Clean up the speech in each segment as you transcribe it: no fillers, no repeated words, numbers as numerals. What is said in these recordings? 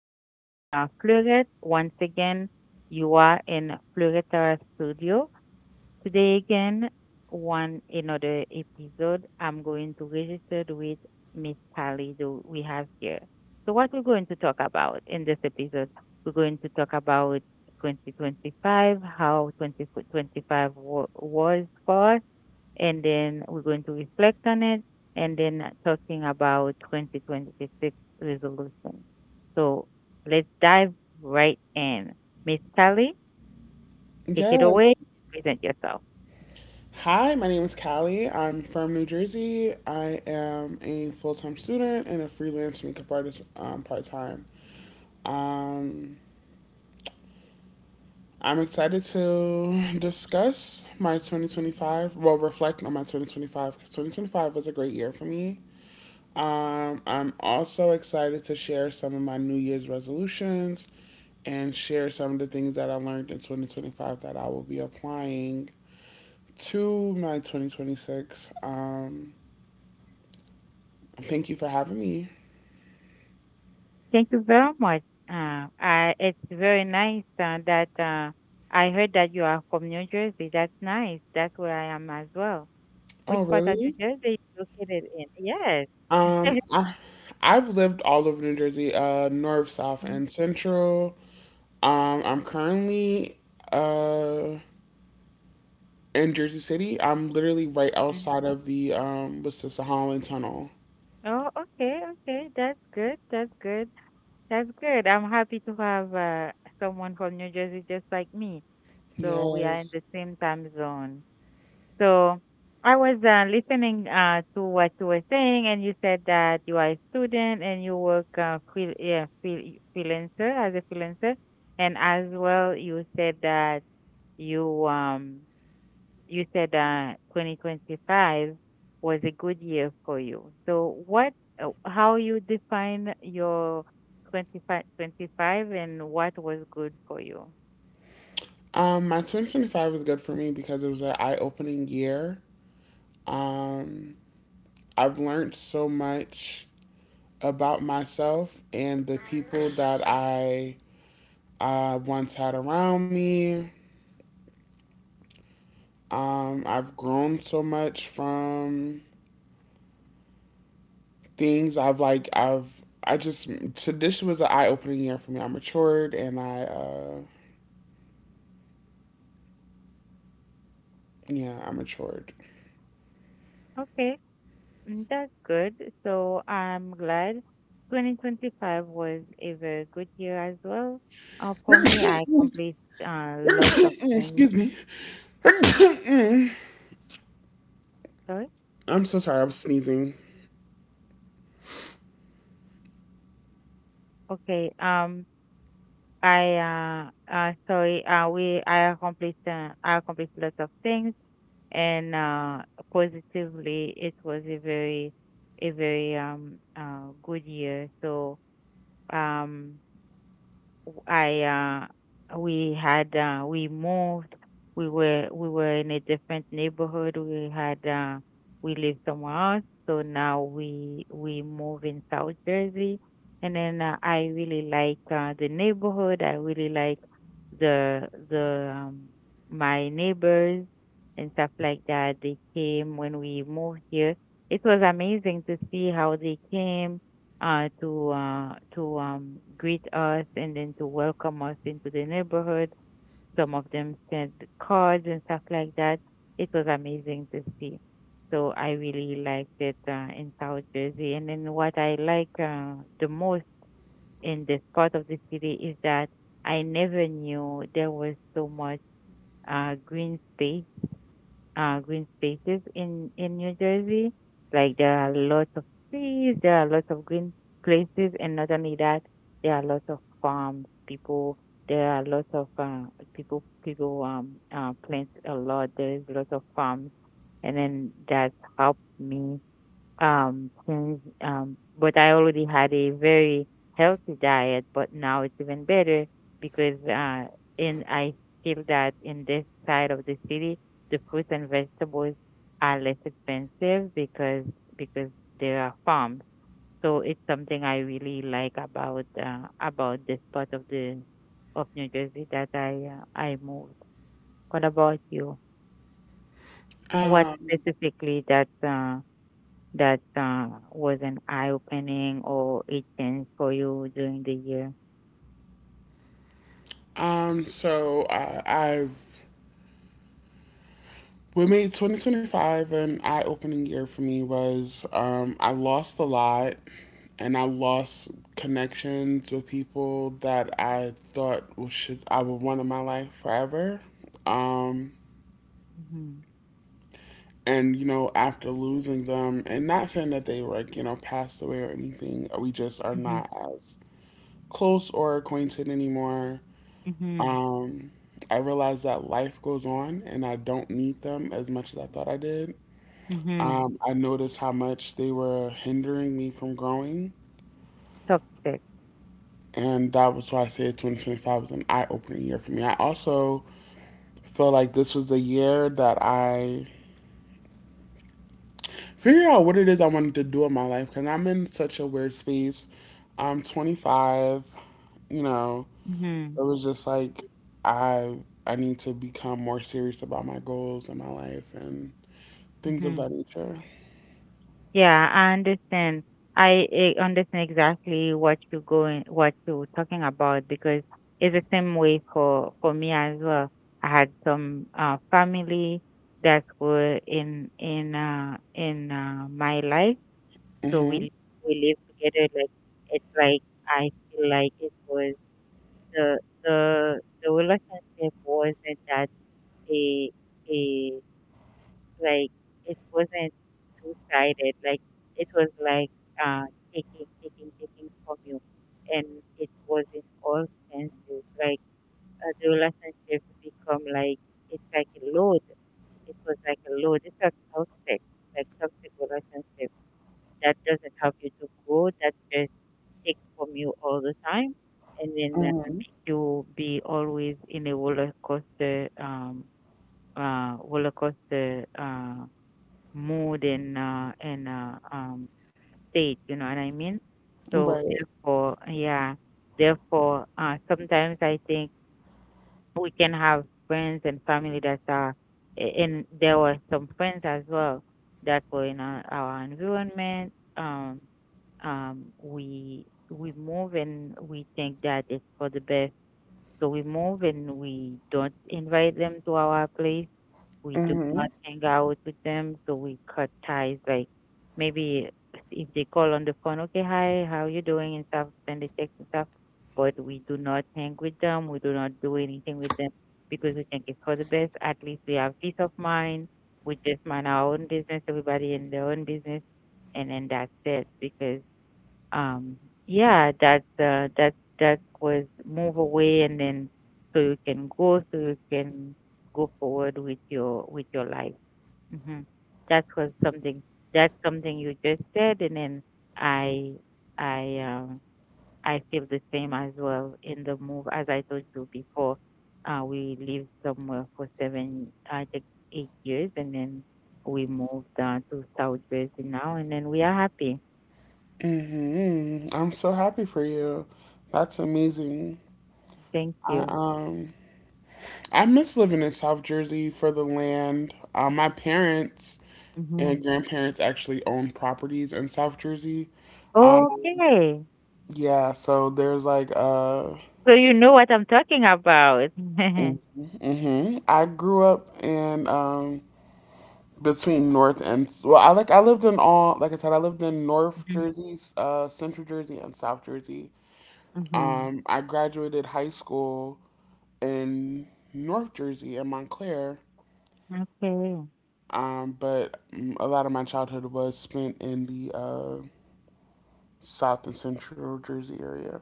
My name is Fluret. Once again, you are in Fluretara Studio. Today again, one another episode. I'm going to register with Miss Pally do we have here. So what we're going to talk about in this episode, we're going to talk about 2025, how 2025 was for and then we're going to reflect on it, and then talking about 2026 resolution. So let's dive right in. Miss Kelly, take it Yes. away. Present yourself. Hi, my name is Callie. I'm from New Jersey. I am a full time student and a freelance makeup artist part time. Um, I'm excited to discuss my 2025, well, reflect on my 2025 because 2025 was a great year for me. I'm also excited to share some of my New Year's resolutions and share some of the things that I learned in 2025 that I will be applying to my 2026. Thank you for having me. Thank you very much. It's very nice that I heard that you are from New Jersey. That's nice. That's where I am as well. Oh, Which part of New really? Jersey are you located in? Yes. I've lived all over New Jersey, north, south, and central. I'm currently uh, in Jersey City. I'm literally right outside Mm. of the what's this, the Holland Tunnel. Oh, okay, okay. That's good. That's good. That's good. I'm happy to have someone from New Jersey just like me. So we are in Yes. the same time zone. So I was listening to what you were saying, and you said that you are a student and you work yeah, freelancer, and as well you said that you um you said 2025 was a good year for you. So what, how you define your 25 and what was good for you? My 2025 was good for me because it was an eye-opening year. Um, I've learned so much about myself and the people that I once had around me. I've grown so much from things I've like I've I just so this was an eye opening year for me. I matured and I yeah, I matured. Okay, that's good. So I'm glad 2025 was a very good year as well. For me, I accomplished lots of things. Excuse me. Sorry. I'm so sorry, I was sneezing. Okay. I Sorry. We I accomplished lots of things. And positively, it was a very good year. So um, I we had we moved. We were in a different neighborhood. We lived somewhere else. So now we move in South Jersey. And then I really like the neighborhood. I really like the the my neighbors and stuff like that. They came when we moved here. It was amazing to see how they came to greet us and then to welcome us into the neighborhood. Some of them sent cards and stuff like that. It was amazing to see. So I really liked it in South Jersey. And then what I like the most in this part of the city is that I never knew there was so much uh, green space green spaces in New Jersey. Like there are lots of trees, there are lots of green places, and not only that, there are lots of farms. There are lots of people. People plant a lot. There is lots of farms, and then that's helped me since but I already had a very healthy diet, but now it's even better because in I feel that in this side of the city, the fruits and vegetables are less expensive because because there are farms. So it's something I really like about this part of the of New Jersey that I moved. What about you? What Um specifically that that was an eye opening or it changed for you during the year? I've What made 2025 an eye opening year for me was I lost a lot and I lost connections with people that I thought should I would want in my life forever. Um, Mm-hmm. and you know, after losing them, and not saying that they passed away or anything, we just are not as close or acquainted anymore. Mm-hmm. Mm-hmm. Um, I realized that life goes on, and I don't need them as much as I thought I did. Mm-hmm. I noticed how much they were hindering me from growing. Toxic. And that was why I say 2025 was an eye opening year for me. I also feel like this was the year that I figured out what it is I wanted to do in my life because I'm in such a weird space. I'm 25, you know, Mm-hmm. it was just like I I need to become more serious about my goals in my life and things of Mm-hmm. that nature. Yeah, I understand. I understand exactly what you're talking about because it's the same way for me as well. I had some family that were in my life. So Mhm. we live together. Like it's like I feel like it was the the the relationship wasn't that, a a like it wasn't two sided. Like it was like taking, taking, taking from you, and it was in all senses. Like the relationship become like it's like a load. It was like a load. It's a toxic relationship that doesn't help you to grow. That just take from you all the time and then make Mhm. you be always in a roller coaster mood and state, you know what I mean? So Right. therefore, yeah, therefore sometimes I think we can have friends and family that are, and there were some friends as well that were in our environment. Um, um, we we move and we think that it's for the best. So we move and we don't invite them to our place. We do not hang out with them. So we cut ties. Like maybe if they call on the phone, okay, hi, how you doing and stuff, send a text and stuff. But we do not hang with them. We do not do anything with them because we think it's for the best. At least we have peace of mind. We just mind our own business. Everybody in their own business, and then that's it because um yeah, that was move away, and then so you can go forward with your life. Hmm that was something that's something you just said, and then i i um I feel the same as well in the move, as I told you before. We lived somewhere for seven, I think, 8 years, and then we moved to South Jersey now, and then we are happy. Mhm. I'm so happy for you. That's amazing. Thank I you. um I miss living in South Jersey for the land. My parents and Hmm. grandparents actually own properties in South Jersey. Um, Okay. yeah, so there's like So you know what I'm talking about. hmm I grew up in between North and, well, I like I lived in all like I said, I lived in North Mhm. Jersey, Central Jersey, and South Jersey. Mhm. I graduated high school in North Jersey in Montclair. Okay. But a lot of my childhood was spent in the South and Central Jersey area.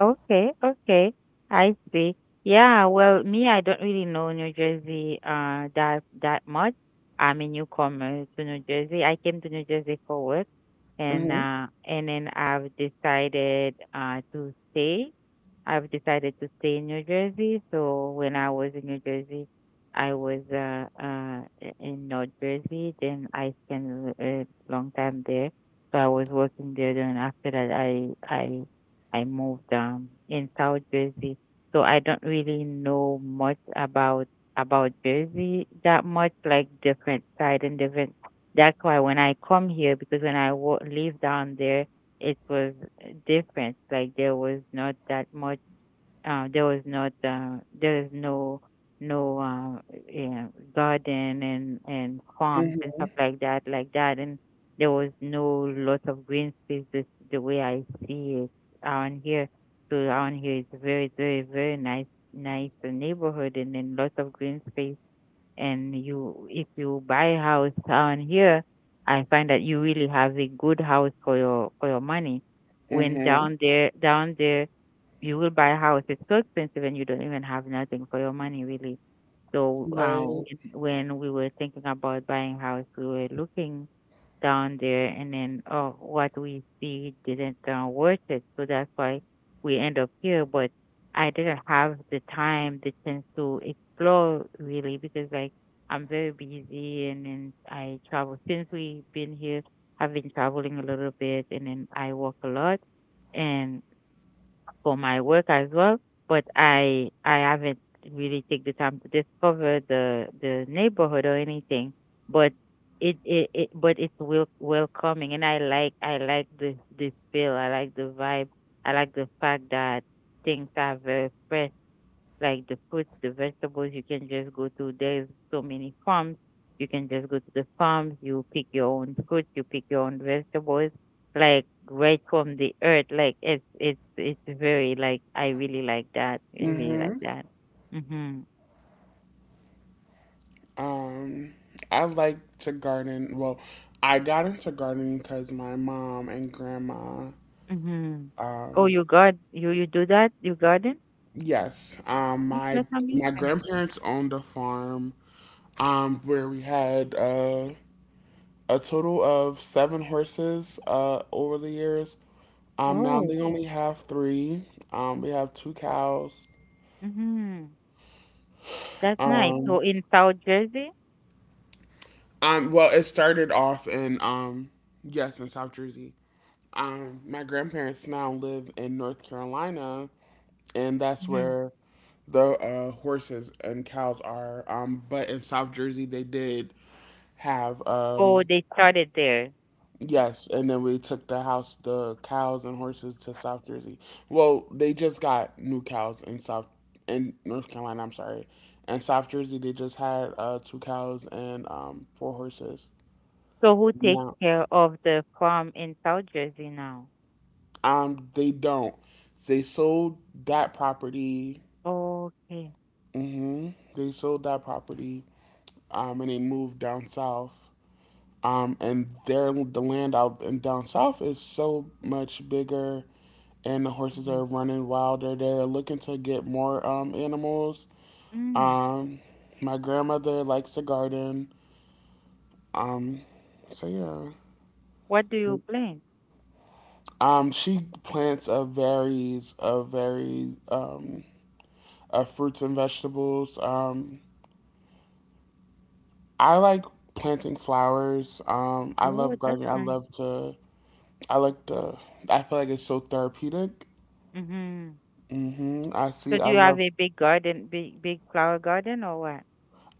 Okay, okay. I see. Yeah, well, me, I don't really know New Jersey that much. I'm a newcomer to New Jersey. I came to New Jersey for work Hmm. And then I've decided to stay. I've decided to stay in New Jersey. So when I was in New Jersey, I was in North Jersey, then I spent a long time there. So I was working there, then after that I moved in South Jersey, so I don't really know much about Jersey that much, like different side and different. That's why when I come here, because when I live down there, it was different. Like there was not that much, there was not there is no no yeah, garden and farms Hmm. and stuff like that, and there was no lot of green spaces the way I see it around here. So around here is very, very, very nice, neighborhood, and then lots of green space, and you if you buy house down here, I find that you really have a good house for your money. When Hmm. Down there, you will buy a house, it's so expensive and you don't even have nothing for your money, really. So Right. When we were thinking about buying house, we were looking down there, and then oh, what we see didn't worth it. So that's why we end up here. But I didn't have the time, the chance to explore really because like I'm very busy, and then I travel since we've been here. I've been traveling a little bit, and then I work a lot, and for my work as well, but I haven't really take the time to discover the neighborhood or anything. But it's welcoming, and I like this feel. I like the vibe. I like the fact that things are very fresh, like the fruits, the vegetables. You can just go to There's so many farms. You can just go to the farms. You pick your own fruits. You pick your own vegetables, like right from the earth. Like it's very, like, I really like that. I really like Hmm. that. Mhm. Um, I like to garden. Well, I got into gardening because my mom and grandma. Mhm. Oh, Um, you got you you do that? You garden? yes. That's My like amazing. grandparents owned a farm. Where we had a total of seven horses. Over the years. Now Oh. they only have three. We have two cows. Mhm. That's nice. Um, So in South Jersey. Well, it started off in yes, in South Jersey. My grandparents now live in North Carolina, and that's Mhm. where the horses and cows are. But in South Jersey, they did have Oh, they started there. Yes, and then we took the house, the cows and horses to South Jersey. Well, they just got new cows in South in North Carolina. I'm sorry, in South Jersey they just had two cows and four horses. So who takes No, care of the farm in South Jersey now? They don't. They sold that property. Okay. Hmm. They sold that property. And they moved down south. And the land out and down south is so much bigger and the horses Hmm. are running wild, or they're looking to get more animals. Mm. Um, my grandmother likes to garden. Um, so What do yeah, you plant? She plants a very of fruits and vegetables. I like planting flowers. I Oh, love that's gardening. I love nice. to. I like to. I feel like it's so therapeutic. hmm Hmm. I So see. I do you have love. a big garden, big flower garden, or what?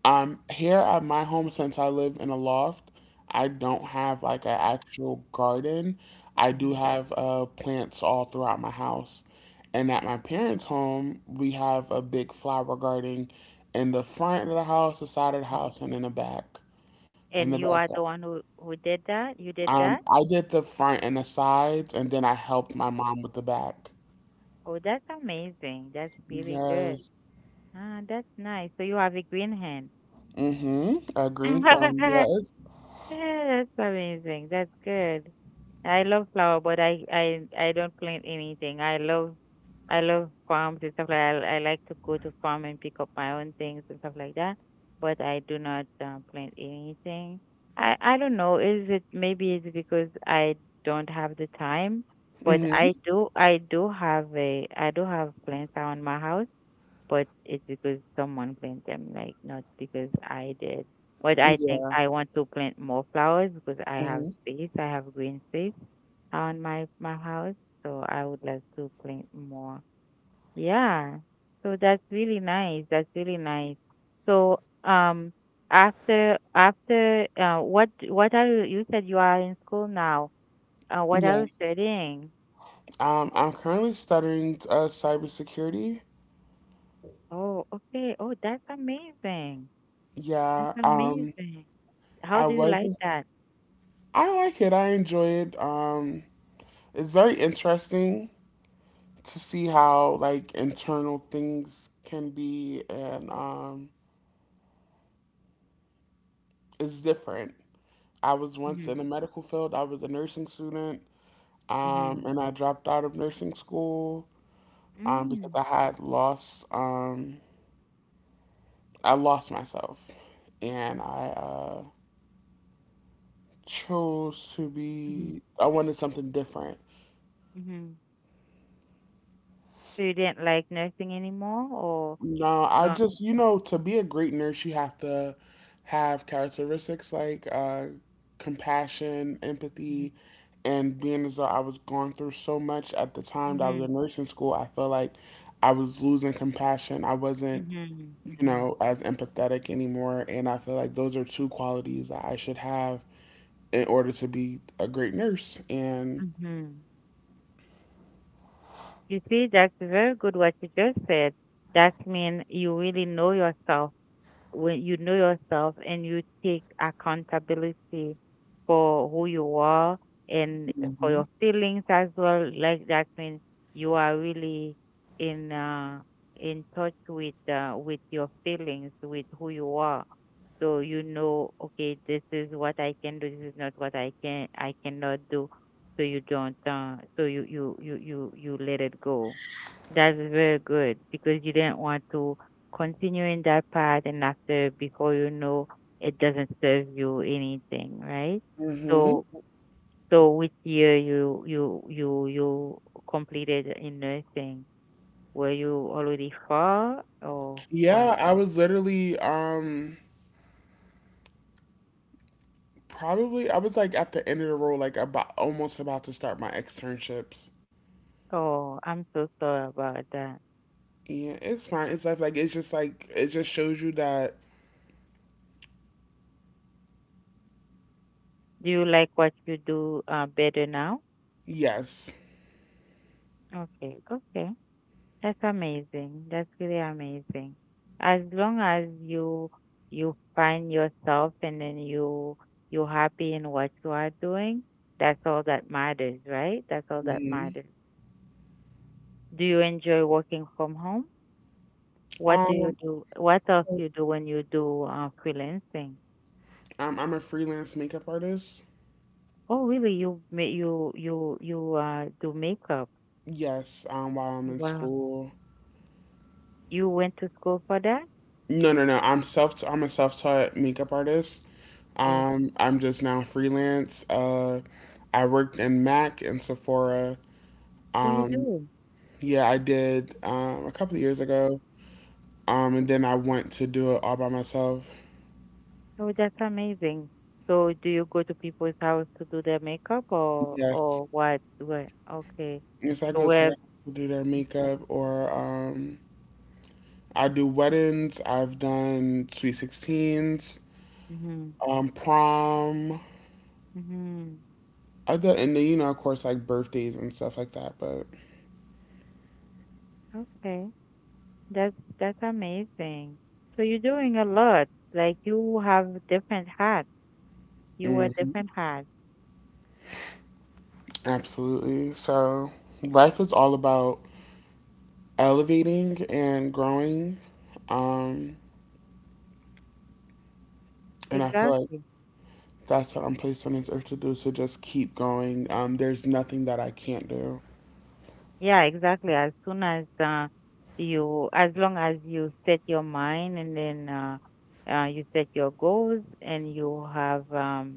Here at my home, since I live in a loft. I don't have like an actual garden. I do hmm have plants all throughout my house. And at my parents' home, we have a big flower garden in the front of the house, the side of the hmm house, and in the back. In the And you are back. the one who did that? You did that? I did the front and the sides, and then I helped my mom with the back. Oh, that's amazing. That's really good. Yes. Ah, that's nice. So you have a green hand. Mm-hmm. A green thumb. Yes. Yeah, that's amazing. That's good. I love flower, but I don't plant anything. I love farms and stuff like that. I like to go to farm and pick up my own things and stuff like that. But I do not plant anything. I don't know. Is it maybe it's because I don't have the time? But Mm-hmm. I do have a I do have plants around my house, but it's because someone planted them, like not because I did. But I think Yeah. I want to plant more flowers because I have Mm-hmm. space. I have green space on my house, so I would like to plant more. Yeah. So that's really nice. That's really nice. So um after after what are you said you are in school now. What are Yeah. you studying? I'm currently studying cybersecurity. Oh, okay. Oh, that's amazing. That's Yeah, um, amazing. How I do you like wasn't. that? I like it. I enjoy it. It's very interesting to see how like internal things can be, and it's different. I was once Mhm. in the medical field. I was a nursing student, Mhm. and I dropped out of nursing school because Mm. I had lost. I lost myself, and I. Chose to Mhm. be I wanted something different. Mhm. So you didn't like nursing anymore, or No, I um. just, you know, to be a great nurse you have to have characteristics like compassion, Mhm. empathy, and being as though I was going through so much at the time that I was Mhm. in nursing school, I felt like I was losing compassion. I wasn't, Mhm. you Mhm. know, as empathetic anymore. And I feel like those are two qualities that I should have in order to be a great nurse. And Mhm. You see, that's very good what you just said. That means you really know yourself. When you know yourself and you take accountability for who you are and for hmm. your feelings as well, like, that means you are really in uh, in touch with your feelings, with who you are. So, you know, okay, this is what I can do. This is not what I cannot do. So you don't. So you let it go. That's very good because you didn't want to continuing that path, and after, before you know, it doesn't serve you anything, right? So so which year you completed in nursing? Were you already far, or what? Yeah, I was literally probably I was like at the end of the road, like about almost about to start my externships. Oh, I'm so sorry about that. Yeah, it's fine. It's just like it just shows you that Do you like what you do, better now? yes. Okay, okay. That's amazing. That's really amazing. As long as you find yourself and then you're happy in what you are doing, that's all that matters, right? That's all that Hmm. matters. Do you enjoy working from home? What do you Um, do? What else you do when you do freelancing? I'm a freelance makeup artist. Oh, really? You you do makeup? Yes, while I'm in Wow. school. You went to school for that? No, no, no. I'm a self-taught makeup artist. Oh, I'm just now freelance. I worked in MAC and Sephora. who you Um, do? Yeah, I did a couple of years ago. And then I went to do it all by myself. Oh, that's amazing. So do you go to people's house to do their makeup, Yes. or what? What? Okay. Yes, I So go to the where? house to do their makeup or I do weddings. I've done sweet 16s, Hmm. Prom, Hmm. other, and then, you know, of course, like birthdays and stuff like that. But Okay. That's that's amazing. So you're doing a lot. Like, you have different hats. You wear mhm, different hats. absolutely. So life is all about elevating and growing. Um, and I feel like Exactly. that's what I'm placed on this earth to do. So just keep going. There's nothing that I can't do. Yeah, exactly. As long as you set your mind and then you set your goals and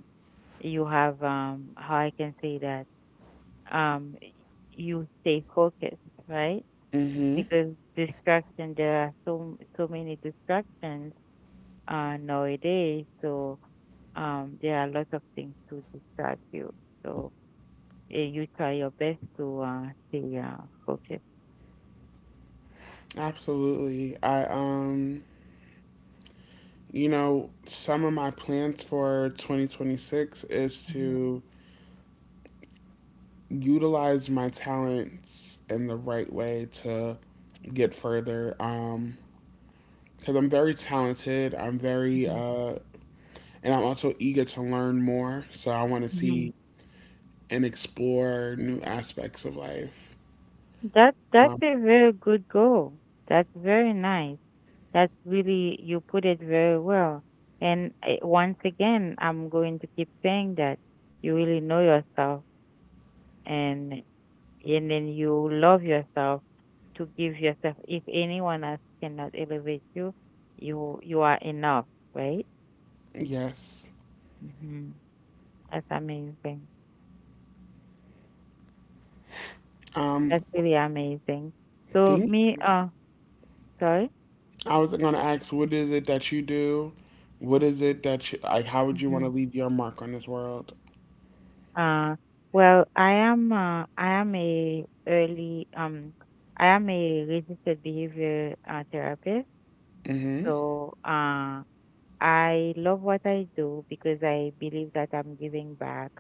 you have how I can say that, um you stay focused, right? Mm-hmm. Because distraction, there are so many distractions nowadays, so there are lots of things to distract you. So, eh, you try your best to stay focused. Absolutely. I you know, some of my plans for 2026 is Mhm, to utilize my talents in the right way to get further. Because I'm very talented. I'm very mhm, and I'm also eager to learn more. So I want to mhm. see and explore new aspects of life. That Um, that's a very good goal. That's very nice. That's really, you put it very well. And I, once again, I'm going to keep saying that you really know yourself and and then you love yourself to give yourself. If anyone else cannot elevate you, you are enough, right? yes. Hmm. That's amazing. Um, That's really amazing. So thank me, you. Sorry. I was gonna ask, what is it that you do? What is it that you, like? How would you want to leave your mark on this world? Uh, well, I am a early I am a registered behavior therapist. Mm-hmm. So, I love what I do because I believe that I'm giving back.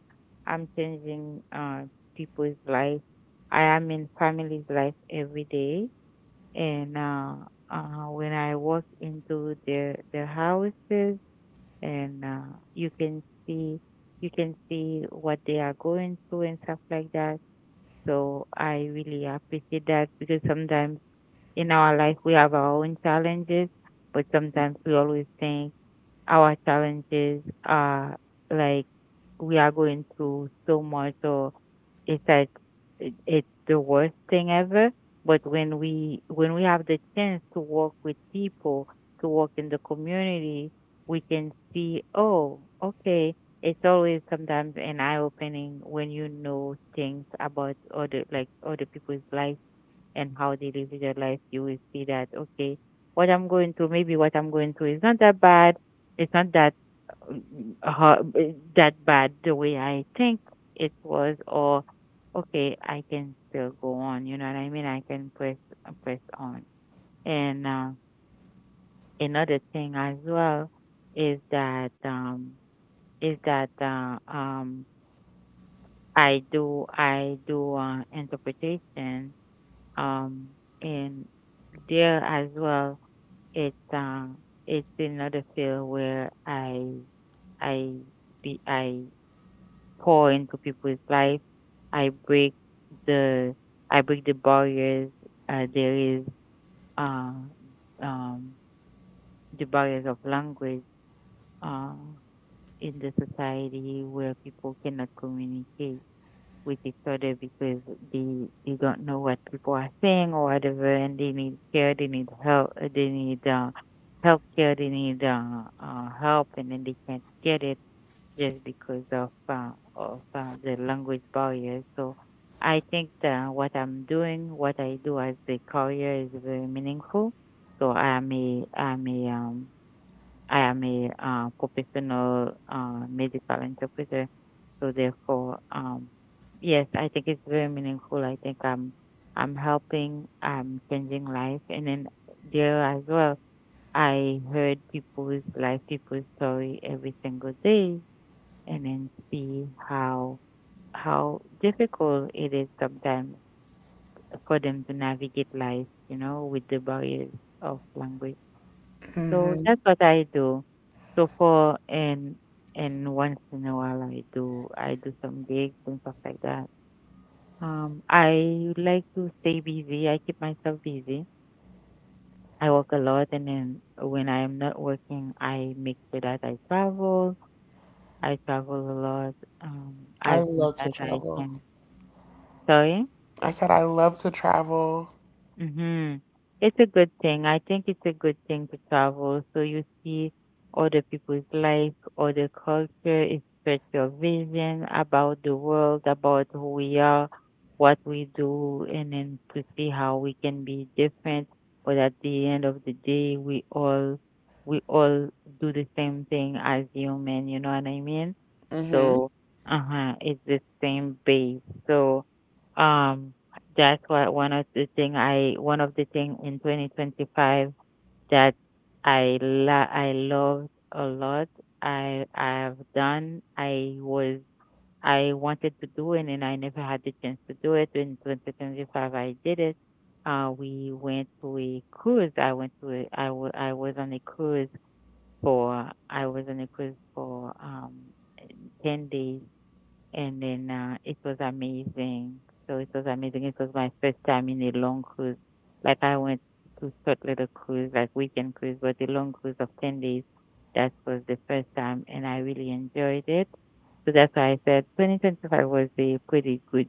I'm changing people's life. I am in families' life every day, and when I walk into their houses, and you can see you can see what they are going through and stuff like that. So I really appreciate that because sometimes in our life we have our own challenges, but sometimes we always think our challenges are, like, we are going through so much, so it's like, it's the worst thing ever. But when we have the chance to work with people, to work in the community, we can see, oh, okay. It's always sometimes an eye opening when you know things about other, like, other people's life and how they live their life. You will see that, okay, what I'm going through, maybe what I'm going through is not that bad. It's not that uh, ho- that bad the way I think it was. Or, okay, I can still go on. You know what I mean? I can press, press on. And another thing as well is that is that uh, um, I do interpretation, um and there as well, it's um it's another field where I I pour into people's life. I break the I break the barriers. There is uh, um, the barriers of language uh, in the society where people cannot communicate with each other because they don't know what people are saying or whatever, and they need care, they need help, they need health care, they need help, and then they can't get it just because of the language barrier. So I think that what I'm doing, what I do as a career, is very meaningful. So I'm a I am a professional medical interpreter, so therefore, yes, I think it's very meaningful. I think I'm helping, I'm changing life, and then there as well, I heard people's life, people's story every single day, and then see how difficult it is sometimes for them to navigate life, you know, with the barriers of language. So that's what I do. So for and once in a while I do some gigs and stuff like that. I like to stay busy. I keep myself busy. I work a lot, and then when I am not working, I make sure that I travel. I travel a lot, um, I as much love to as I travel. can. Sorry? I said I love to travel. Mm-hmm. It's a good thing. I think it's a good thing to travel so you see other people's life, other culture. It spreads your vision about the world, about who we are, what we do, and then to see how we can be different. But at the end of the day, we all do the same thing as human. You know what I mean? Mm-hmm. So, uh-huh, it's the same base. So, um, that's what one of the thing I one of the thing in 2025 that I loved a lot. I I've done. I was I wanted to do it and I never had the chance to do it. In 2025, I did it. We went to a cruise. I was on a cruise for, I was on a cruise for 10 days, and then it was amazing. So it was amazing. It was my first time in a long cruise. Like, I went to short little cruise, like weekend cruise, but a long cruise of 10 days. That was the first time, and I really enjoyed it. So that's why I said 2025 was a pretty good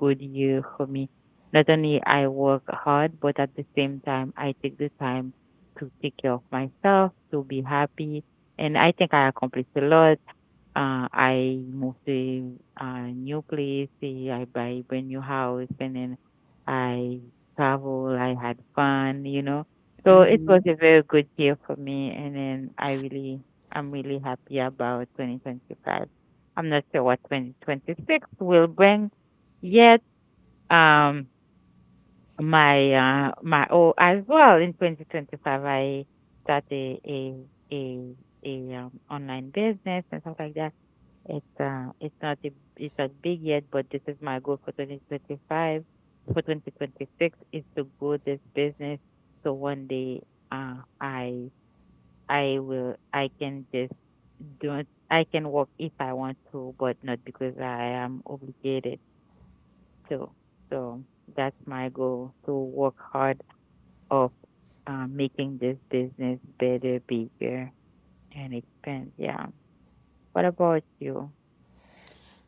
good year for me. Not only I work hard, but at the same time I take the time to take care of myself, to be happy, and I think I accomplished a lot. I moved to a new place. Eh, I buy a brand new house, and then I travel. I had fun, you know. So it Mm-hmm. was a very good year for me, and then I really, I'm really happy about 2025. I'm not sure what 2026 will bring yet. Um, my oh as well, in 2025 I start a, a online business and stuff like that. It's uh it's not a, it's not big yet, but this is my goal for 2025. For 2026 is to grow this business so one day uh I I can just do it. I can work if I want to, but not because I am obligated to. So that's my goal, to work hard of, making this business better, bigger, and expand. Yeah. What about you?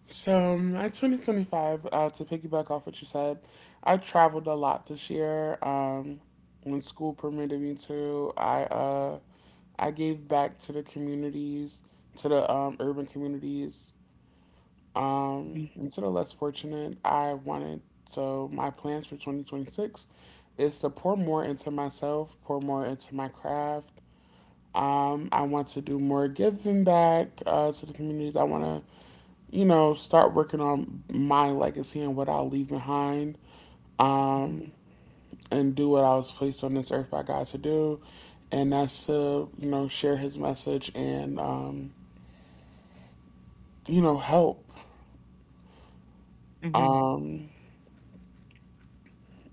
So, at 2025, to piggyback off what you said, I traveled a lot this year. When school permitted me to, I gave back to the communities, to the urban communities. Mhm, And to the less fortunate, I wanted so my plans for 2026 is to pour more into myself, pour more into my craft. I want to do more giving back to the communities. I want to, you know, start working on my legacy and what I'll leave behind, um, and do what I was placed on this earth by God to do, and that's to, you know, share His message and, you know, help. mhm, Um,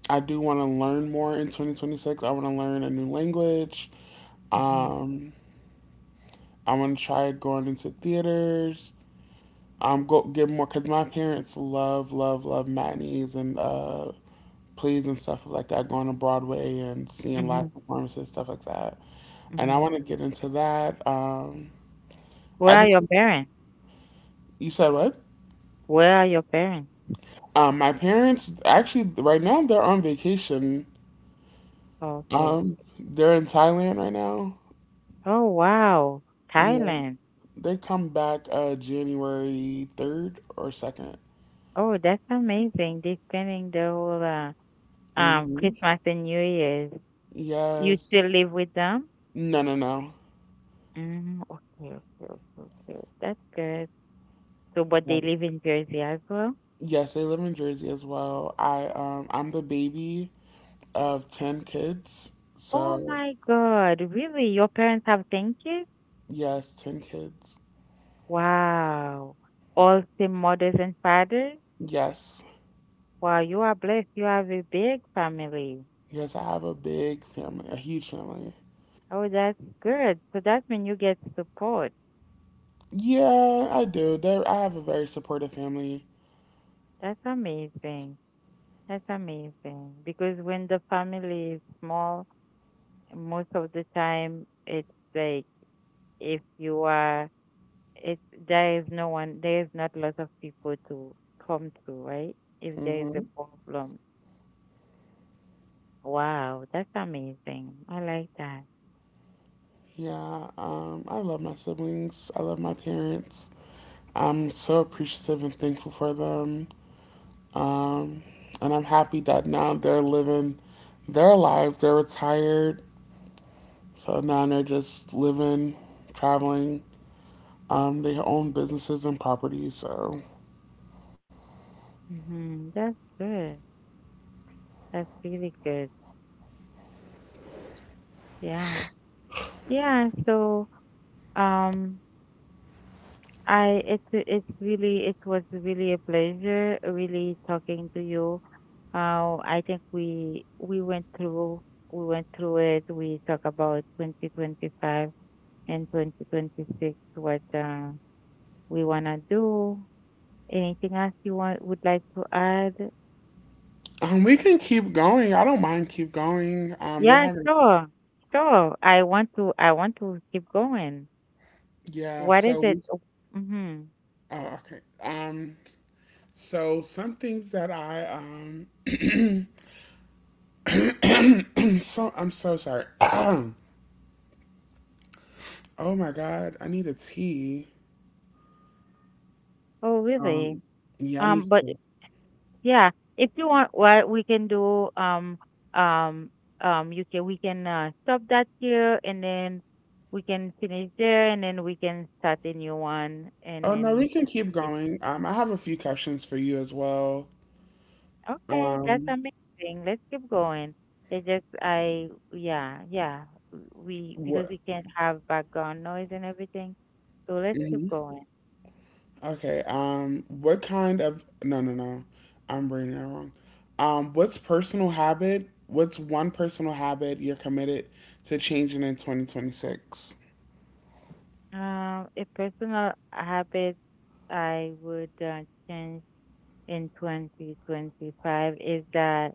I do want to learn more in 2026. I want to learn a new language. mhm, mhm, Um, I want to try going into theaters. Go get more because my parents love, love, love matinees and plays and stuff like that. Going to Broadway and seeing mhm, live performances, stuff like that. And I mhm. want to get into that. Where I are just your parents? you said what? Where are your parents? My parents actually right now they're on vacation. Okay. They're in Thailand right now. Oh, wow. Yeah. Thailand. They come back January 3rd or 2nd. Oh, that's amazing. They're spending the whole Hmm. Christmas and New Year's. You Yes. still live with them? No, no, no. Mm, okay, okay, okay, okay. That's good. So, but they So, live in Jersey as well? yes, they live in Jersey as well. I'm the baby of 10 kids. Oh So, my God, really? Your parents have thanked you? yes, 10 kids. Wow. All same mothers and fathers? Yes. Wow, you are blessed. You have a big family. Yes, I have a big family, a huge family. Oh, that's good. So that's when you get support. Yeah, I do. I have a very supportive family. That's amazing. That's amazing. Because when the family is small, most of the time it's, like, if you are, it's, there is no one, there is not lots of people to come to, right? If there is a Hmm. problem, wow, that's amazing. I like that. Yeah, I love my siblings. I love my parents. I'm so appreciative and thankful for them. Um, and I'm happy that now they're living their lives. They're retired, so now they're just living, traveling. They own businesses and properties, so Hmm. That's good. That's really good. Yeah. Yeah, so um I, it's really, it was really a pleasure, really talking to you. I think we went through it. We talk about 2025 and 2026, what we want to do. Anything else you want would like to add? We can keep going. I don't mind keep going. We're Yeah, having sure. Sure. I want to keep going. yeah. What is So it? we Oh, mm-hmm. Oh, okay. So some things that I so I'm so sorry. Oh my god, I need a tea. Oh, Um, really? yeah, I need. But yeah, if you want, what we can do, um, you can we can stop that here, and then we can finish there, and then we can start a new one, and Oh then no, you we can can. keep going. I have a few questions for you as well. Okay, that's Um, amazing. Let's keep going. It just I yeah. We because what? we can't have background noise and everything. So let's keep Hmm. going. Okay. What kind of? No, no, no. I'm reading it wrong. What's personal habit? What's one personal habit you're committed to changing in 2026? A personal habit I would change in 2025 is that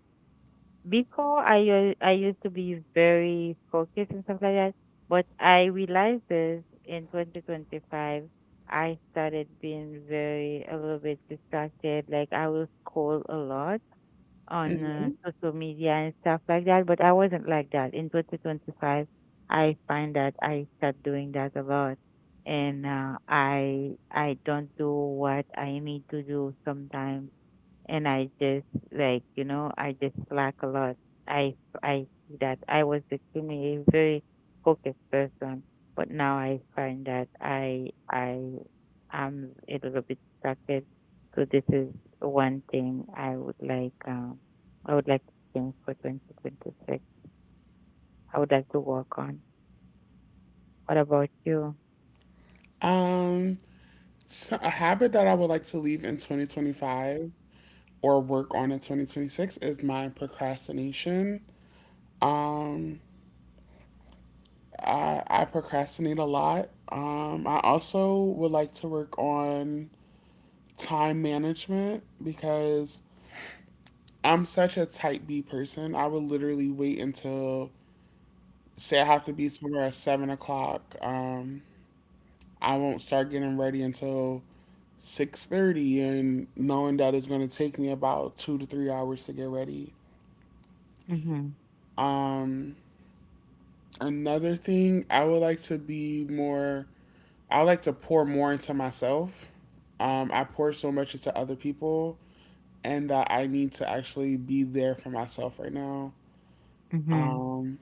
before I I used to be very focused and stuff like that, but I realized this in 2025. I started being very a little bit distracted. Like I will scroll a lot on Hmm. social media and stuff like that, but I wasn't like that in 2025. I find that I start doing that a lot, and I don't do what I need to do sometimes, and I just, like, you know, I just slack a lot. I I see that I was extremely a very focused person, but now I find that I am a little bit distracted. So this is one thing I would like, I would like to change for 2026. I would like to work on. What about you? Um, so a habit that I would like to leave in 2025 or work on in 2026 is my procrastination. Um, I procrastinate a lot. I also would like to work on time management because I'm such a type B person. I would literally wait until, say, I have to be somewhere at 7 o'clock. I won't start getting ready until 6:30, and knowing that it's going to take me about 2 to 3 hours to get ready. Mhm. Um, Another thing, I would like to be more I like to pour more into myself. I pour so much into other people, and that I need to actually be there for myself right now. Mhm. Um,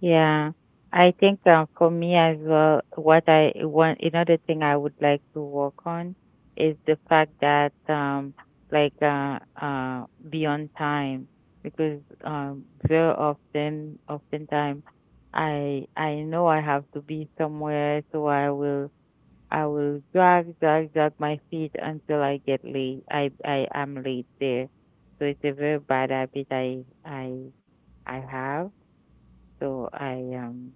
Yeah, I think for me as well, what I want, another thing I would like to work on is the fact that like uh, uh, be on time because, um, very often, oftentimes, I know I have to be somewhere, so I will drag my feet until I get late. I am late there, so it's a very bad habit I I have, so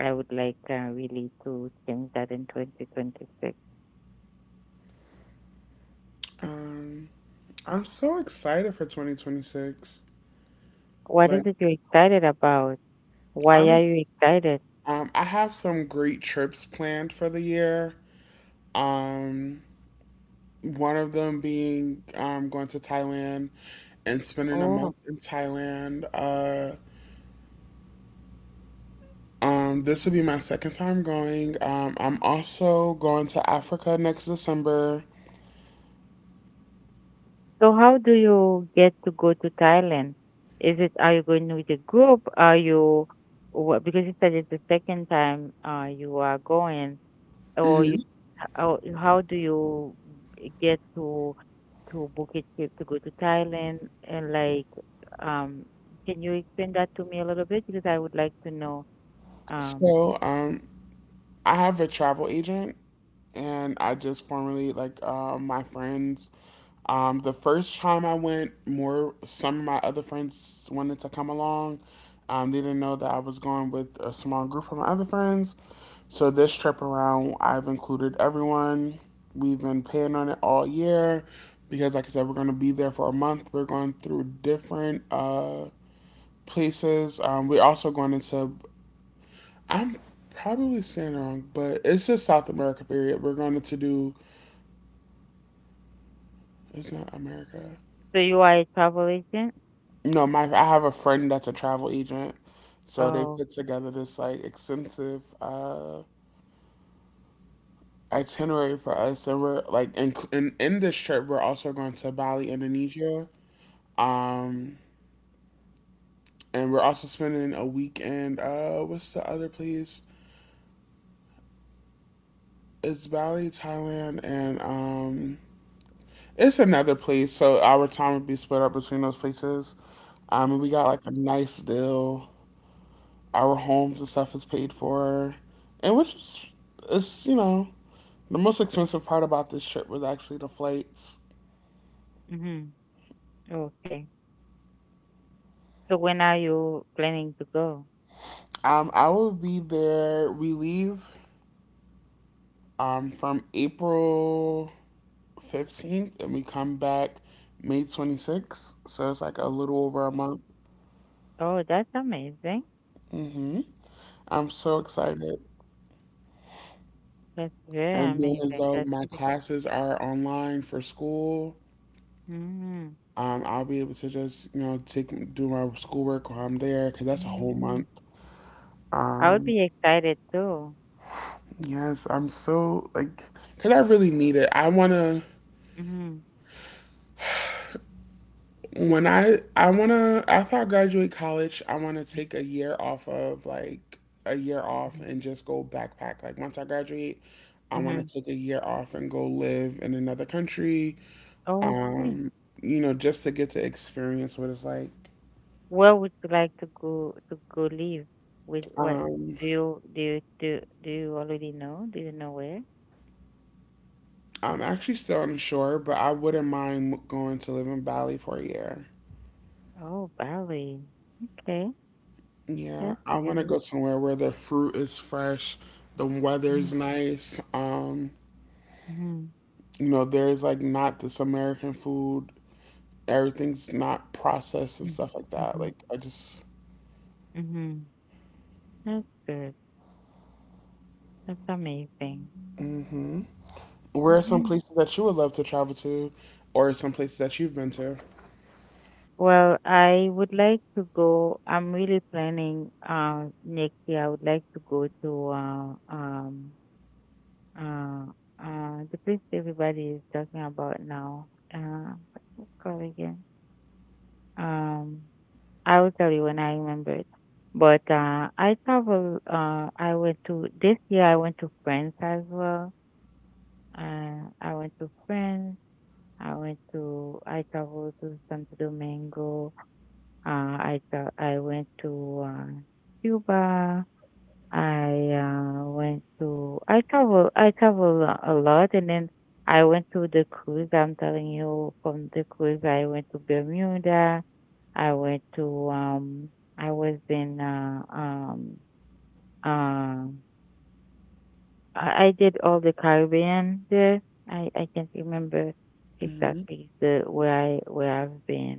I would like, really, to change that in 2026. um, I'm so excited for 2026. What Like, is it you're excited about? Why are I'm, you excited? I have some great trips planned for the year. Um, One of them being going to Thailand and spending a Oh, month in Thailand. This will be my second time going. I'm also going to Africa next December. so how do you get to go to Thailand? Is it are you going with a group? Are you because you said it's the second time you are going. Or you Hmm. How do you get to book a trip to go to Thailand and like, um can you explain that to me a little bit, because I would like to know. um So, I have a travel agent, and I just formally like my friends. The first time I went, more some of my other friends wanted to come along. They didn't know that I was going with a small group of my other friends. So this trip around, I've included everyone. We've been planning on it all year because, like I said, we're going to be there for a month. We're going through different places. We're also going into, I'm probably saying it wrong, but it's just South America period. We're going to do, it's not America. so you are a travel agent. No, my I have a friend that's a travel agent, so they Oh. put together this like extensive itinerary for us, and we're like in this trip we're also going to Bali, Indonesia, um, and we're also spending a weekend. What's the other place? It's Bali, Thailand, and it's another place. So our time would be split up between those places. And we got like a nice deal. Our homes and stuff is paid for, and which is you know, the most expensive part about this trip was actually the flights. Mhm. Okay. So when are you planning to go? I will be there. We leave from April 15th and we come back May 26th. So it's like a little over a month. Oh, that's amazing. Hmm. I'm so excited. That's very And then as amazing. though That's my really, classes are online for school, mm, I'll be able to just, you know, take do my schoolwork while I'm there because that's a whole month. mm. I would Um, be excited too. yes, I'm so like, cause I really need it. I wanna Mhm. when I wanna after I graduate college, I wanna take a year off of like a year off Mhm. and just go backpack. Like once I graduate, I wanna Mhm. take a year off and go live in another country. Okay. Um, you know, just to get to experience what it's like. Where would you like to go live? With what Um, do you do you already know? Do you know where? I'm actually still unsure, but I wouldn't mind going to live in Bali for a year. Oh, Bali. Okay, Yeah, that's I want to good. go somewhere where the fruit is fresh, the Mm-hmm. weather's nice. Mm-hmm. You know, there's like not this American food. Everything's not processed and stuff like that. Mm-hmm. Like, I just, Mm-hmm, mm-hmm. That's good. That's amazing. where are some Mhm. places that you would love to travel to, or some places that you've been to? Well, I would like to go. I'm really planning next year. I would like to go to uh the place everybody is talking about now. Uh, what's it called again? Um, I will tell you when I remember it. But I travel. I went to this year. I went to France as well. I went to France. I went to. I traveled to Santo Domingo. I went to uh, Cuba. I went to I travel a lot, and then I went to the cruise. I'm telling you, from the cruise I went to Bermuda. I went to I was in um I did all the Caribbean there. I can't remember Hmm. exactly the where I where I've been.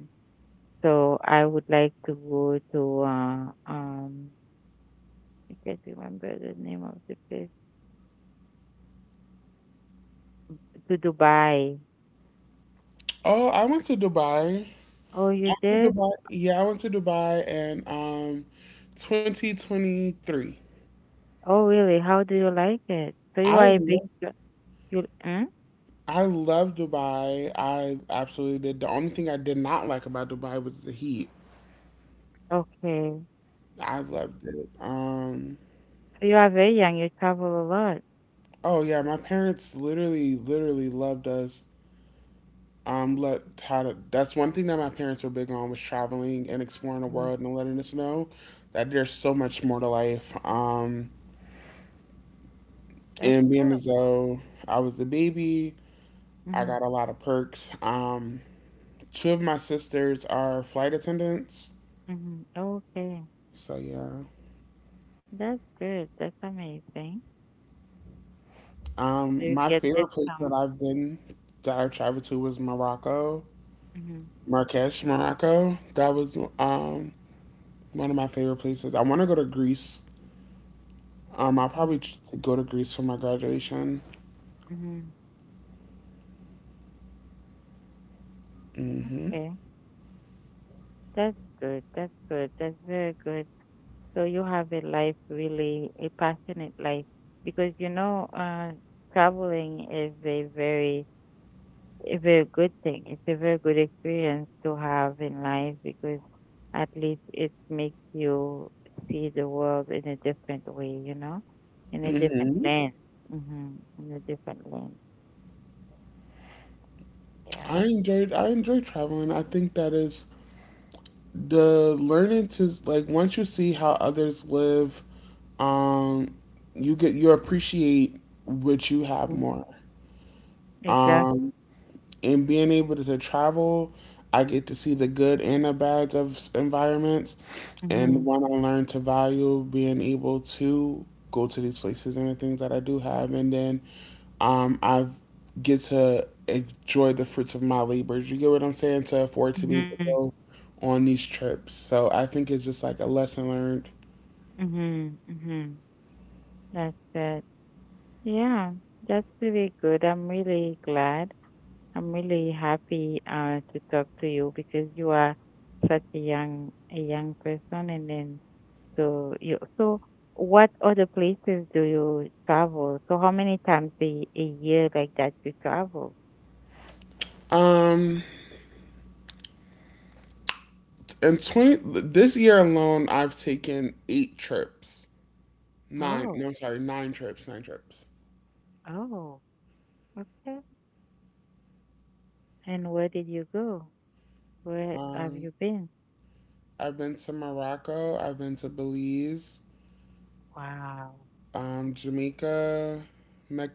So I would like to go to I can't remember the name of the place, to Dubai. Oh, I went to Dubai. Oh, you I went to did? Dubai. Yeah, I went to Dubai in 2023. Oh, really? How do you like it? So you I are a big love you mm? I love Dubai. I absolutely did. The only thing I did not like about Dubai was the heat. Okay. I loved it. So you are very young. You travel a lot. Oh yeah, my parents literally, literally loved us. Let how to, that's one thing that my parents were big on was traveling and exploring the Hmm. world and letting us know that there's so much more to life. That's And being good. as though I was a baby, I Mhm. got a lot of perks. Two of my sisters are flight attendants, Mhm. Okay. so yeah. That's good. That's amazing. So you My get favorite place that discount. I've been that I've traveled to was Morocco, Mhm. Marrakesh, Morocco. That was one of my favorite places. I want to go to Greece. I'll Hmm. probably ch- go to Greece for my graduation. Mhm. Mhm. Okay. That's good. That's good. That's very good. So you have a life, really, a passionate life, because you know traveling is a very good thing. It's a very good experience to have in life, because at least it makes you see the world in a different way, you know, in a different Mhm. lens. Hmm. In a different lens. Yeah. I enjoy traveling. I think that is the learning to like once you see how others live, um, you get you appreciate what you have Hmm. more. Exactly. Um, and being able to travel, I get to see the good and the bads of s- environments. Hmm. And when I learn to value being able to go to these places and the things that I do have, and then I get to enjoy the fruits of my labors. You get what I'm saying? To afford to be able Hmm. to go on these trips. So I think it's just like a lesson learned. Hmm. Hmm. That's it. Yeah, that's really good. I'm really glad I'm really happy, to talk to you because you are such a young person, and then so you so what other places do you travel? So how many times a year like that you travel? Um, in 20, this year alone, I've taken 8 trips. Nine, no, Oh, I'm sorry, 9 trips, 9 trips. oh, okay. And where did you go? Where have Um, you been? I've been to Morocco, I've been to Belize, Wow, Jamaica,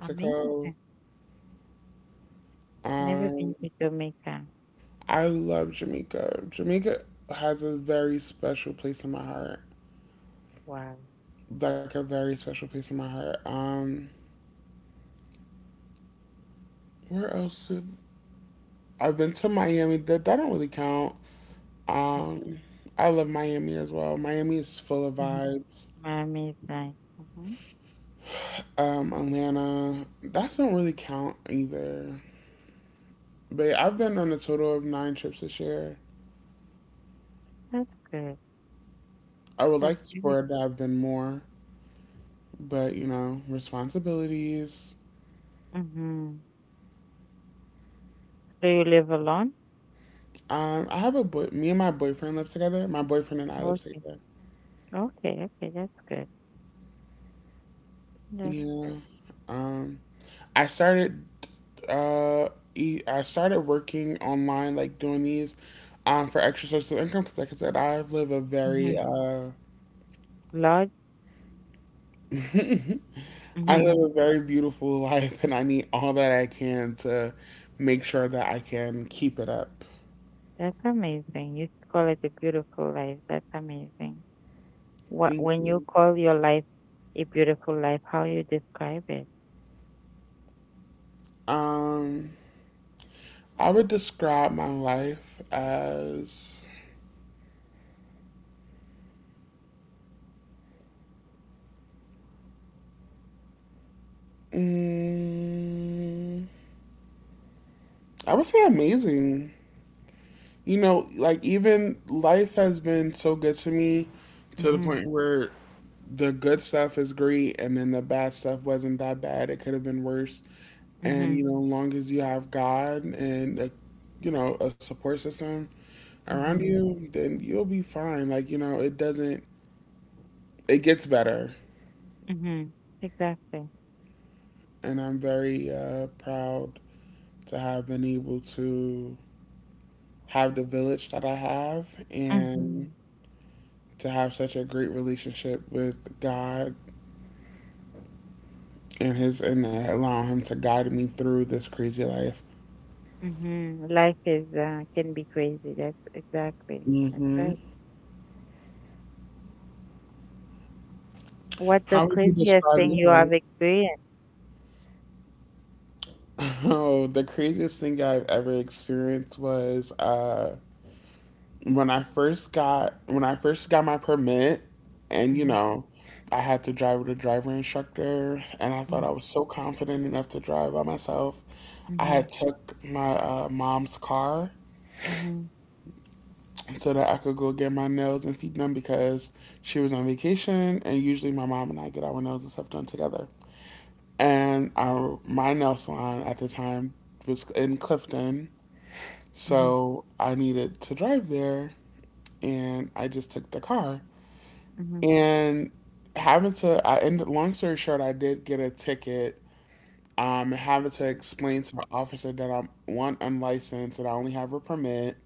amazing! I never been Um, to Jamaica. I love Jamaica. Jamaica has a very special place in my heart, Wow, like a very special place in my heart. Where else? Did, I've been to Miami. That that don't really count. Um, I love Miami as well. Miami is full of mm-hmm. vibes. Miami is nice. Hmm. Atlanta. That don't really count either. But yeah, I've been on a total of 9 trips this year. That's good. I would That's like good. for it to have done more, but you know, responsibilities. Mm-hmm. Do you live alone? I have a boy. Me and my boyfriend live together. My boyfriend and I live Okay. together. Okay, okay, that's good. That's Yeah. good. Um, I started. Uh, I started working online, like doing these, for extra sources of income. Because, like I said, I live a Mm-hmm. very Lodge? I live Mm-hmm. a very beautiful life, and I need all that I can to make sure that I can keep it up. That's amazing. You call it a beautiful life. That's amazing. What, Thank when you you. call your life a beautiful life, how you describe it? Um, I would describe my life as. Mm, I would say amazing. You know, like even life has been so good to me to the Mm-hmm. point where the good stuff is great and then the bad stuff wasn't that bad. It could have been worse. Mm-hmm. And, you know, long as you have God and a, you know, a support system around Mm-hmm. you, then you'll be fine. Like, you know, it doesn't, it gets better. Mm-hmm. Exactly. And I'm very proud to have been able to have the village that I have Mm-hmm. and to have such a great relationship with God and his and allowing him to guide me through this crazy life. Mm-hmm. Life is, can be crazy. That's exactly. That's Hmm. right. What the How would you craziest describe thing your you life? have experienced? Oh, the craziest thing I've ever experienced was when I first got when I first got my permit, and you Mm-hmm. know, I had to drive with a driver instructor, and I thought Mm-hmm. I was so confident enough to drive by myself. I Mm-hmm. had took my mom's car Mm-hmm. so that I could go get my nails and feet done because she was on vacation, and usually my mom and I get our nails and stuff done together. And our my nail salon at the time was in Clifton, Mm-hmm. so I needed to drive there, and I just took the car. Mhm. And having to, I ended. Long story short, I did get a ticket. Having to explain to the officer that I'm one unlicensed and I only have a permit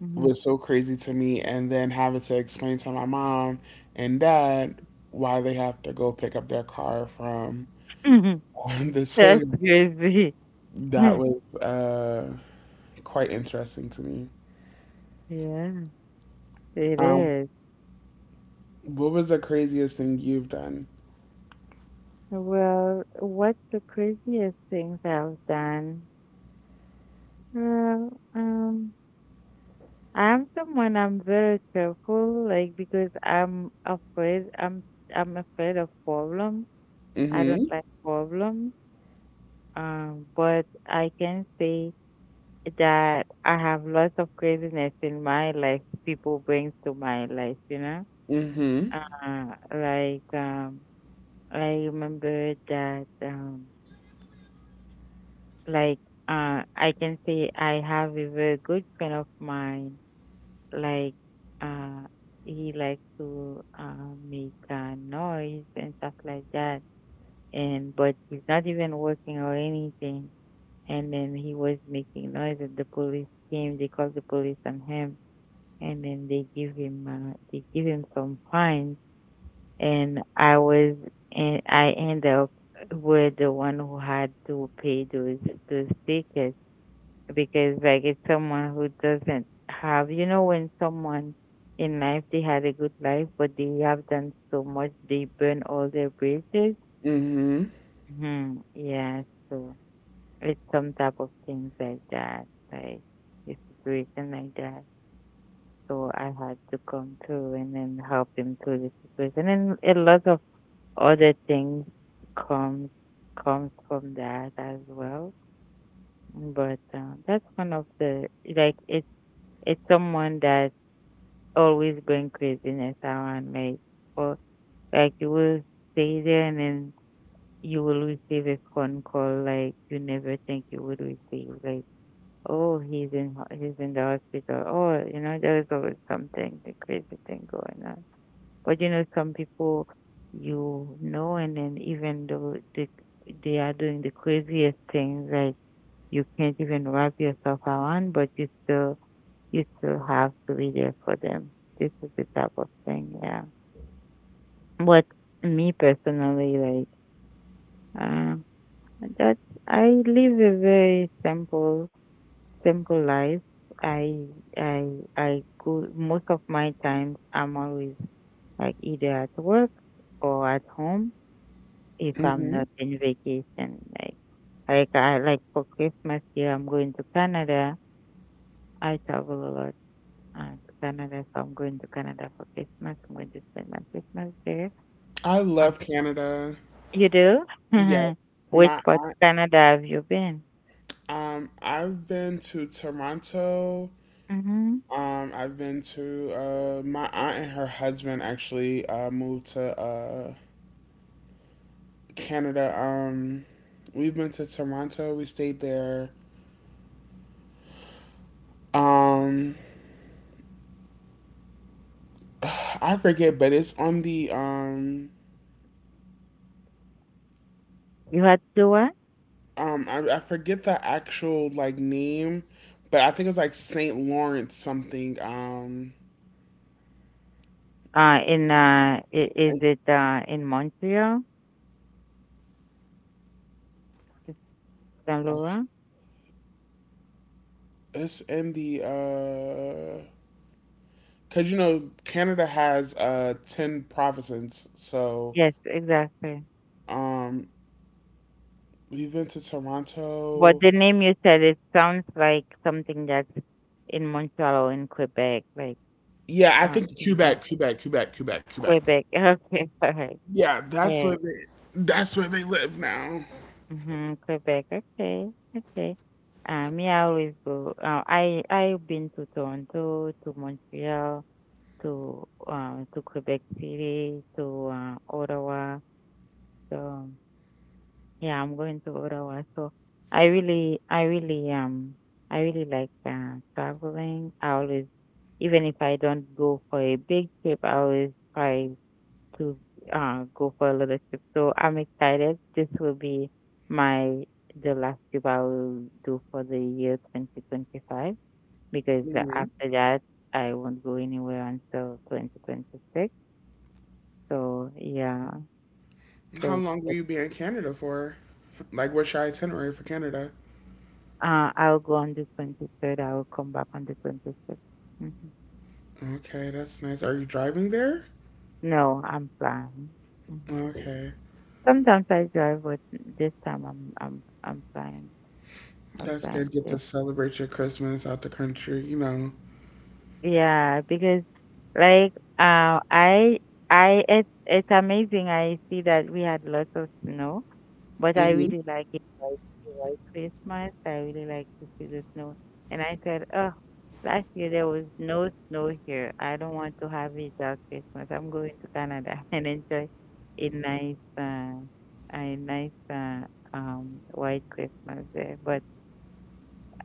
Mhm. was so crazy to me and then having to explain to my mom and dad why they have to go pick up their car from Mhm. the tow That's yard. crazy. That was quite interesting to me. Yeah, it Um, is. what was the craziest thing you've done? Well, what's the craziest things I've done? Well, I'm someone I'm very careful, like, because I'm afraid. I'm afraid of problems. I don't Mm-hmm. like problems. But I can say that I have lots of craziness in my life. People brings to my life, you know. Mm-hmm. Uh, like um, I remember that like I can say I have a very good friend of mine. Like, uh, he likes to make noise and stuff like that. And but he's not even working or anything. And then he was making noise, and the police came. They called the police on him, and then they give him some fines, and I was and I end up with the one who had to pay those tickets, because like it's someone who doesn't have, you know, when someone in life they had a good life, but they have done so much, they burn all their bridges. Mm-hmm. Hmm. Yeah, so it's some type of things like that, like a situation like that. So I had to come through and then help him through the situation, and a lot of other things comes comes from that as well. But that's one of the like it's someone that always bring craziness around, like or like you will stay there and then you will receive a phone call like you never think you would receive, like oh he's in the hospital, or you know there's always something a crazy thing going on. But you know, some people, you know, and then even though they are doing the craziest things, like, you can't even wrap yourself around, but you still have to be there for them. This is the type of thing, yeah. But me personally, like, uh, that I live a very simple, simple life. I I I go most of my times. I'm always like either at work or at home if I'm Mm-hmm. not in vacation. Like, like I like for Christmas here, I'm going to Canada. I travel a lot to Canada, so I'm going to Canada for Christmas. I'm going to spend my Christmas there. I Um, love Canada. You do? Yes. Which My part of aunt, Canada have you been? I've been to Toronto. Hmm. I've been to my aunt and her husband actually moved to Canada. We've been to Toronto. We stayed there. Um, I forget, but it's on the You had to what? I forget the actual like name, but I think it was like Saint Lawrence something. Is I- it in Montreal, is Saint Laurent? it's in the cause you know Canada has 10 provinces, so Yes, exactly. um we've been to But Toronto. the name you said, it sounds like something that's in Montreal or in Quebec, like. Yeah, I Uh, think Mon- Quebec. Quebec. Okay, alright, Yeah, alright. That's where they live now. Mm-hmm, Quebec. Okay, okay. Me, I always go. I I've been to Toronto, to Montreal, to Quebec City, to Ottawa. So yeah, I'm going to Ottawa. So I really, I really, um, I really like traveling. I always, even if I don't go for a big trip, I always try to go for a little trip. So I'm excited. This will be my the last trip I will do for the year 2025, because Hmm. after that I won't go anywhere until 2026. So yeah, How so long will it- you be in Canada for? Like, what's your itinerary for Canada? I'll go on the 23rd. I will come back on the 26th. Mm-hmm. Okay, that's nice. Are you driving there? No, I'm flying. Hmm. Okay, Sometimes I drive, but this time I'm flying. I'm that's flying good. Get to too. celebrate your Christmas out the country, you Yeah, because like uh I I it's amazing. I see that we had lots of snow, but I know. really like it white white Christmas. I really like to see the snow. And I said, oh, last year there was no snow here. I don't want to have a dark Christmas. I'm going to Canada and enjoy a nice um white Christmas there. But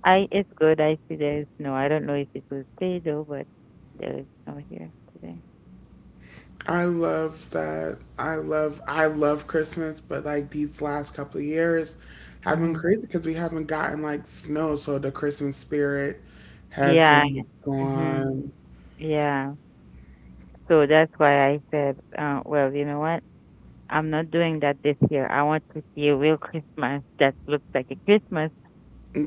I it's good. I see there's no. I don't know if it will stay though, but there is no here today. I love that. I love Christmas, but like these last couple of years have been Mhm. crazy because we haven't gotten like snow, so the Christmas spirit has Yeah. Yeah. been Mhm. gone. Yeah. So that's why I said, well, you know what? I'm not doing that this year. I want to see a real Christmas that looks like a Christmas.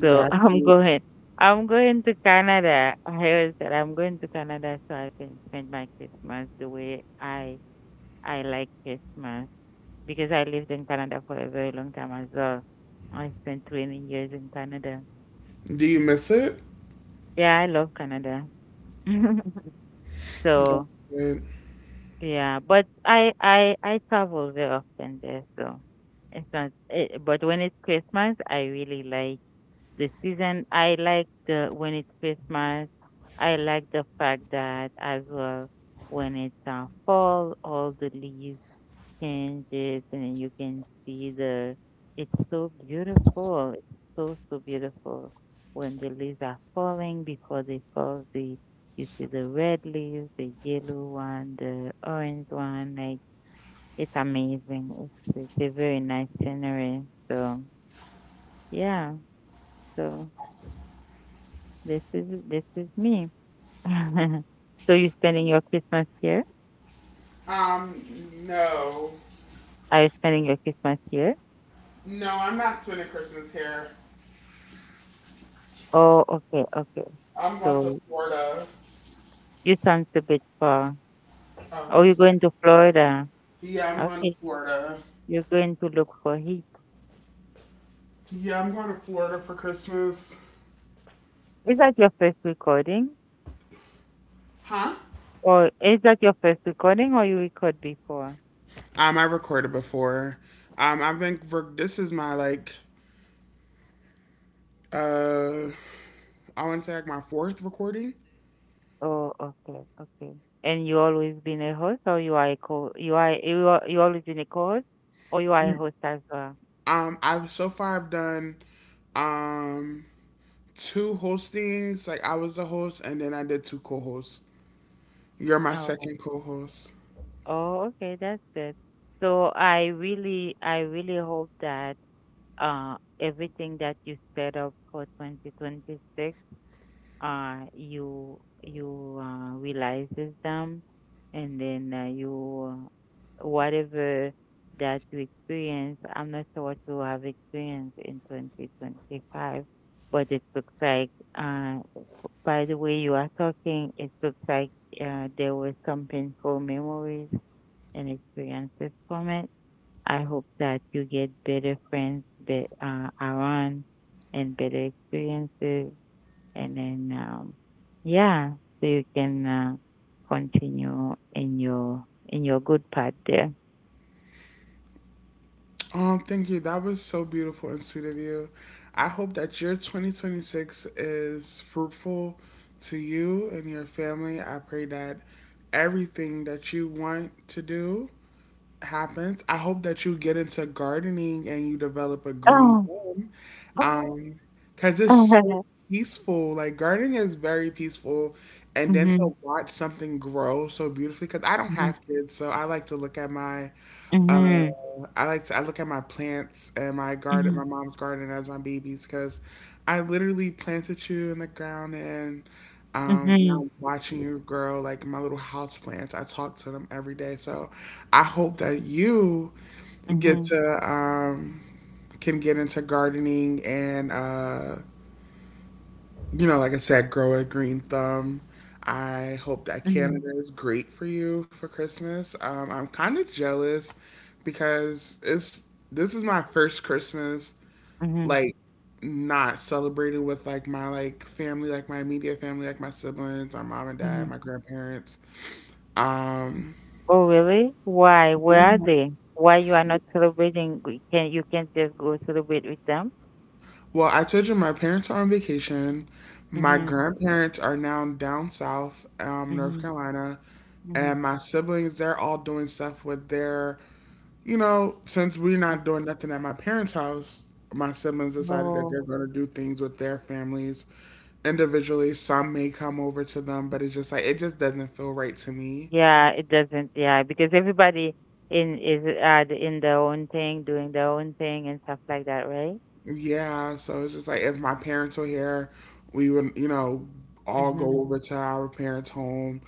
So I'm going. I'm going to Canada. I always said I'm going to Canada so I can spend my Christmas the way I like Christmas, because I lived in Canada for a very long time as well. I spent 20 years in Canada. Do you miss it? Yeah, I love Canada. That's So, it. yeah, but I travel very often there, so it's not it, but when it's Christmas, I really like the season. I like the when it's Christmas. I like the fact that as well when it's fall, all the leaves changes, and you can see the it's so beautiful, it's so beautiful when the leaves are falling before they fall, the you see the red leaves, the yellow one, the orange one, like it's amazing, it's a very nice scenery. So yeah. So this is me. So you're spending your Christmas here? Um, no, Are you spending your Christmas here? no, I'm not spending Christmas here. Oh, okay, okay. I'm going So to Florida. you sound a bit far. Oh, Oh, I'm you're sorry. going to Florida. Yeah, I'm going to Okay. Florida. You're going to look for heat. Yeah, I'm going to Florida for Christmas. Is that your first recording? Huh? Or is that your first recording or you record before? I recorded before. I've been. This is my like. Uh, I want to say like my fourth recording. Oh, okay, okay. And you always been a host, or you are a co you are you are you always been a co-host or you are a host as well? I've so far I've done, um, two hostings. Like I was the host, and then I did two co-hosts. You're my Oh, second co-host. oh, okay, that's good. So I really hope that everything that you set up for 2026, you you realizes them, and then you whatever that you experience. I'm not sure what you have experienced in 2025, but it looks like uh, by the way you are talking, it looks like there were some painful memories and experiences from it. I hope that you get better friends around, and better experiences, and then, yeah, so you can continue in your good part there. Oh, thank you. That was so beautiful and sweet of you. I hope that your 2026 is fruitful to you and your family. I pray that everything that you want to do happens. I hope that you get into gardening and you develop a green Oh. thumb. Um, Cause it's so peaceful. Like gardening is very peaceful, and then Mm-hmm. to watch something grow so beautifully. Cause I don't Mm-hmm. have kids, so I like to look at my uh, Mm-hmm. I look at my plants and my garden, Mm-hmm. my mom's garden as my babies because I literally planted you in the ground and Mm-hmm. now I'm watching you grow like my little house plants. I talk to them every day, so I hope that you get to can get into gardening and you know, like I said, grow a green thumb. I hope that Mm-hmm. Canada is great for you for Christmas. I'm kind of jealous because it's this is my first Christmas like not celebrated with like my like family, like my immediate family, like my siblings, my mom and Mm-hmm. dad, my grandparents. Um, Oh, really? Why? Where are they? Why you are not celebrating? We Can you can't just go celebrate with them? well, I told you my parents are on vacation. My Mm-hmm. grandparents are now down south, North Mm-hmm. Carolina, and Mm-hmm. my siblings, they're all doing stuff with their, you know, since we're not doing nothing at my parents' house, my siblings decided that Oh. they're going to do things with their families individually. Some may come over to them, but it's just like, it just doesn't feel right to me. Yeah, it doesn't. Yeah, because everybody in is in their own thing, doing their own thing and stuff like that, right? Yeah, so it's just like if my parents were here, we would, you know, all go Mhm. over to our parents' home.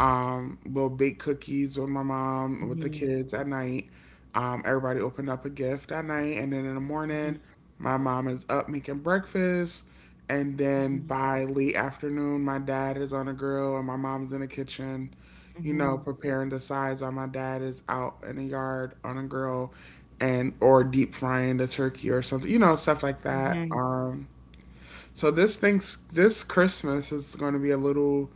We'll bake cookies with my mom, with the Mhm. kids at night. Everybody opened up a gift at night, and then in the Mhm. morning, my mom is up making breakfast, and then Mhm. by late afternoon, my dad is on the grill and my mom's in the kitchen, you know, Mhm. preparing the sides while my dad is out in the yard on a grill and or deep frying the turkey or something, you know, stuff like that. Mhm. So this Christmas is going to be a little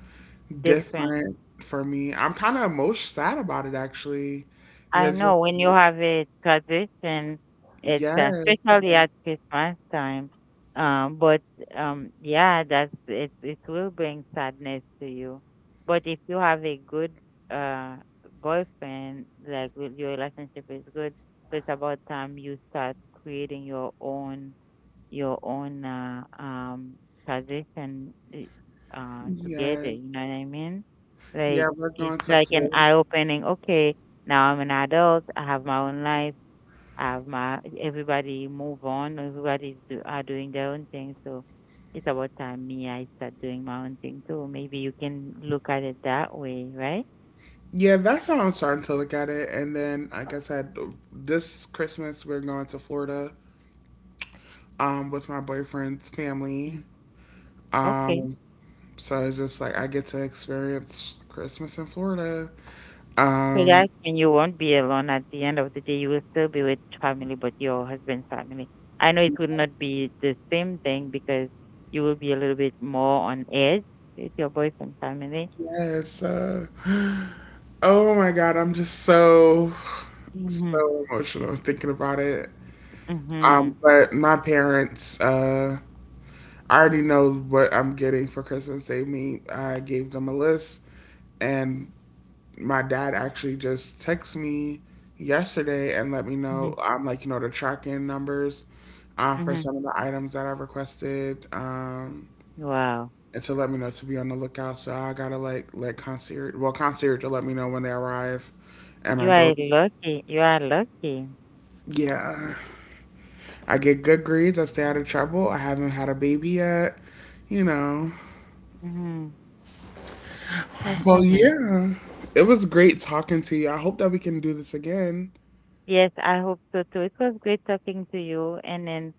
Different. different for me. I'm kind of most sad about it actually, I because it's know when you like, have a tradition, it's yes, especially um, at Christmas time. But yeah, that's it. It will bring sadness to you. But if you have a good uh boyfriend, like with your relationship is good, so it's about time you start creating your own position i- together, yes, you know what I mean? yeah, Like we're it's going to like an Florida. eye opening. Okay, now I'm an adult, I have my own life, I have my everybody move on, everybody's are doing their own thing, so it's about time me I start doing my own thing too. Maybe you can look at it that way, right? Yeah, that's how I'm starting to look at it. And then, like I said, this Christmas we're going to Florida with my boyfriend's family. Mm. Okay. Um, so it's just like I get to experience Christmas in Florida. Um, Relax and you won't be alone. At the end of the day, you will still be with family, but your husband's family. I know it will not be the same thing because you will be a little bit more on edge with your boyfriend family. yes. Oh my God, I'm just Mm-hmm. so emotional thinking about it. Mm-hmm. But my parents, I already know what I'm getting for Christmas. I gave them a list, and my dad actually just texted me yesterday and let me know. Mm-hmm. Like, you know, the tracking numbers for Mm-hmm. some of the items that I requested. Wow. And to let me know to be on the lookout. So I gotta like well, concierge to let me know when they arrive at my You are building. lucky. You are lucky. Yeah. I get good grades. I stay out of trouble. I haven't had a baby yet. You know. Mm-hmm. That's Well, amazing. yeah. It was great talking to you. I hope that we can do this again. Yes, I hope so too. It was great talking to you, and then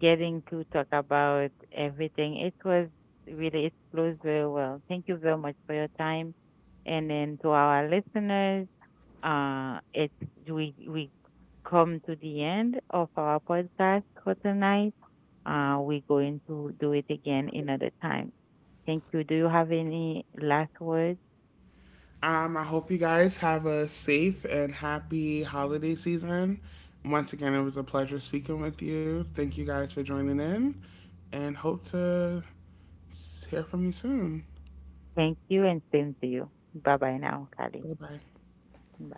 getting to talk about everything. It was really, it flows very well. Thank you very much for your time. And then to our listeners, it's we come to the end of our podcast for tonight. We're going to do it again another time. Thank you. Do you have any last words? I hope you guys have a safe and happy holiday season. Once again, it was a pleasure speaking with you. Thank you guys for joining in and hope to hear from you soon. Thank you, and same to you. Bye bye now, Kali. Bye bye. Bye.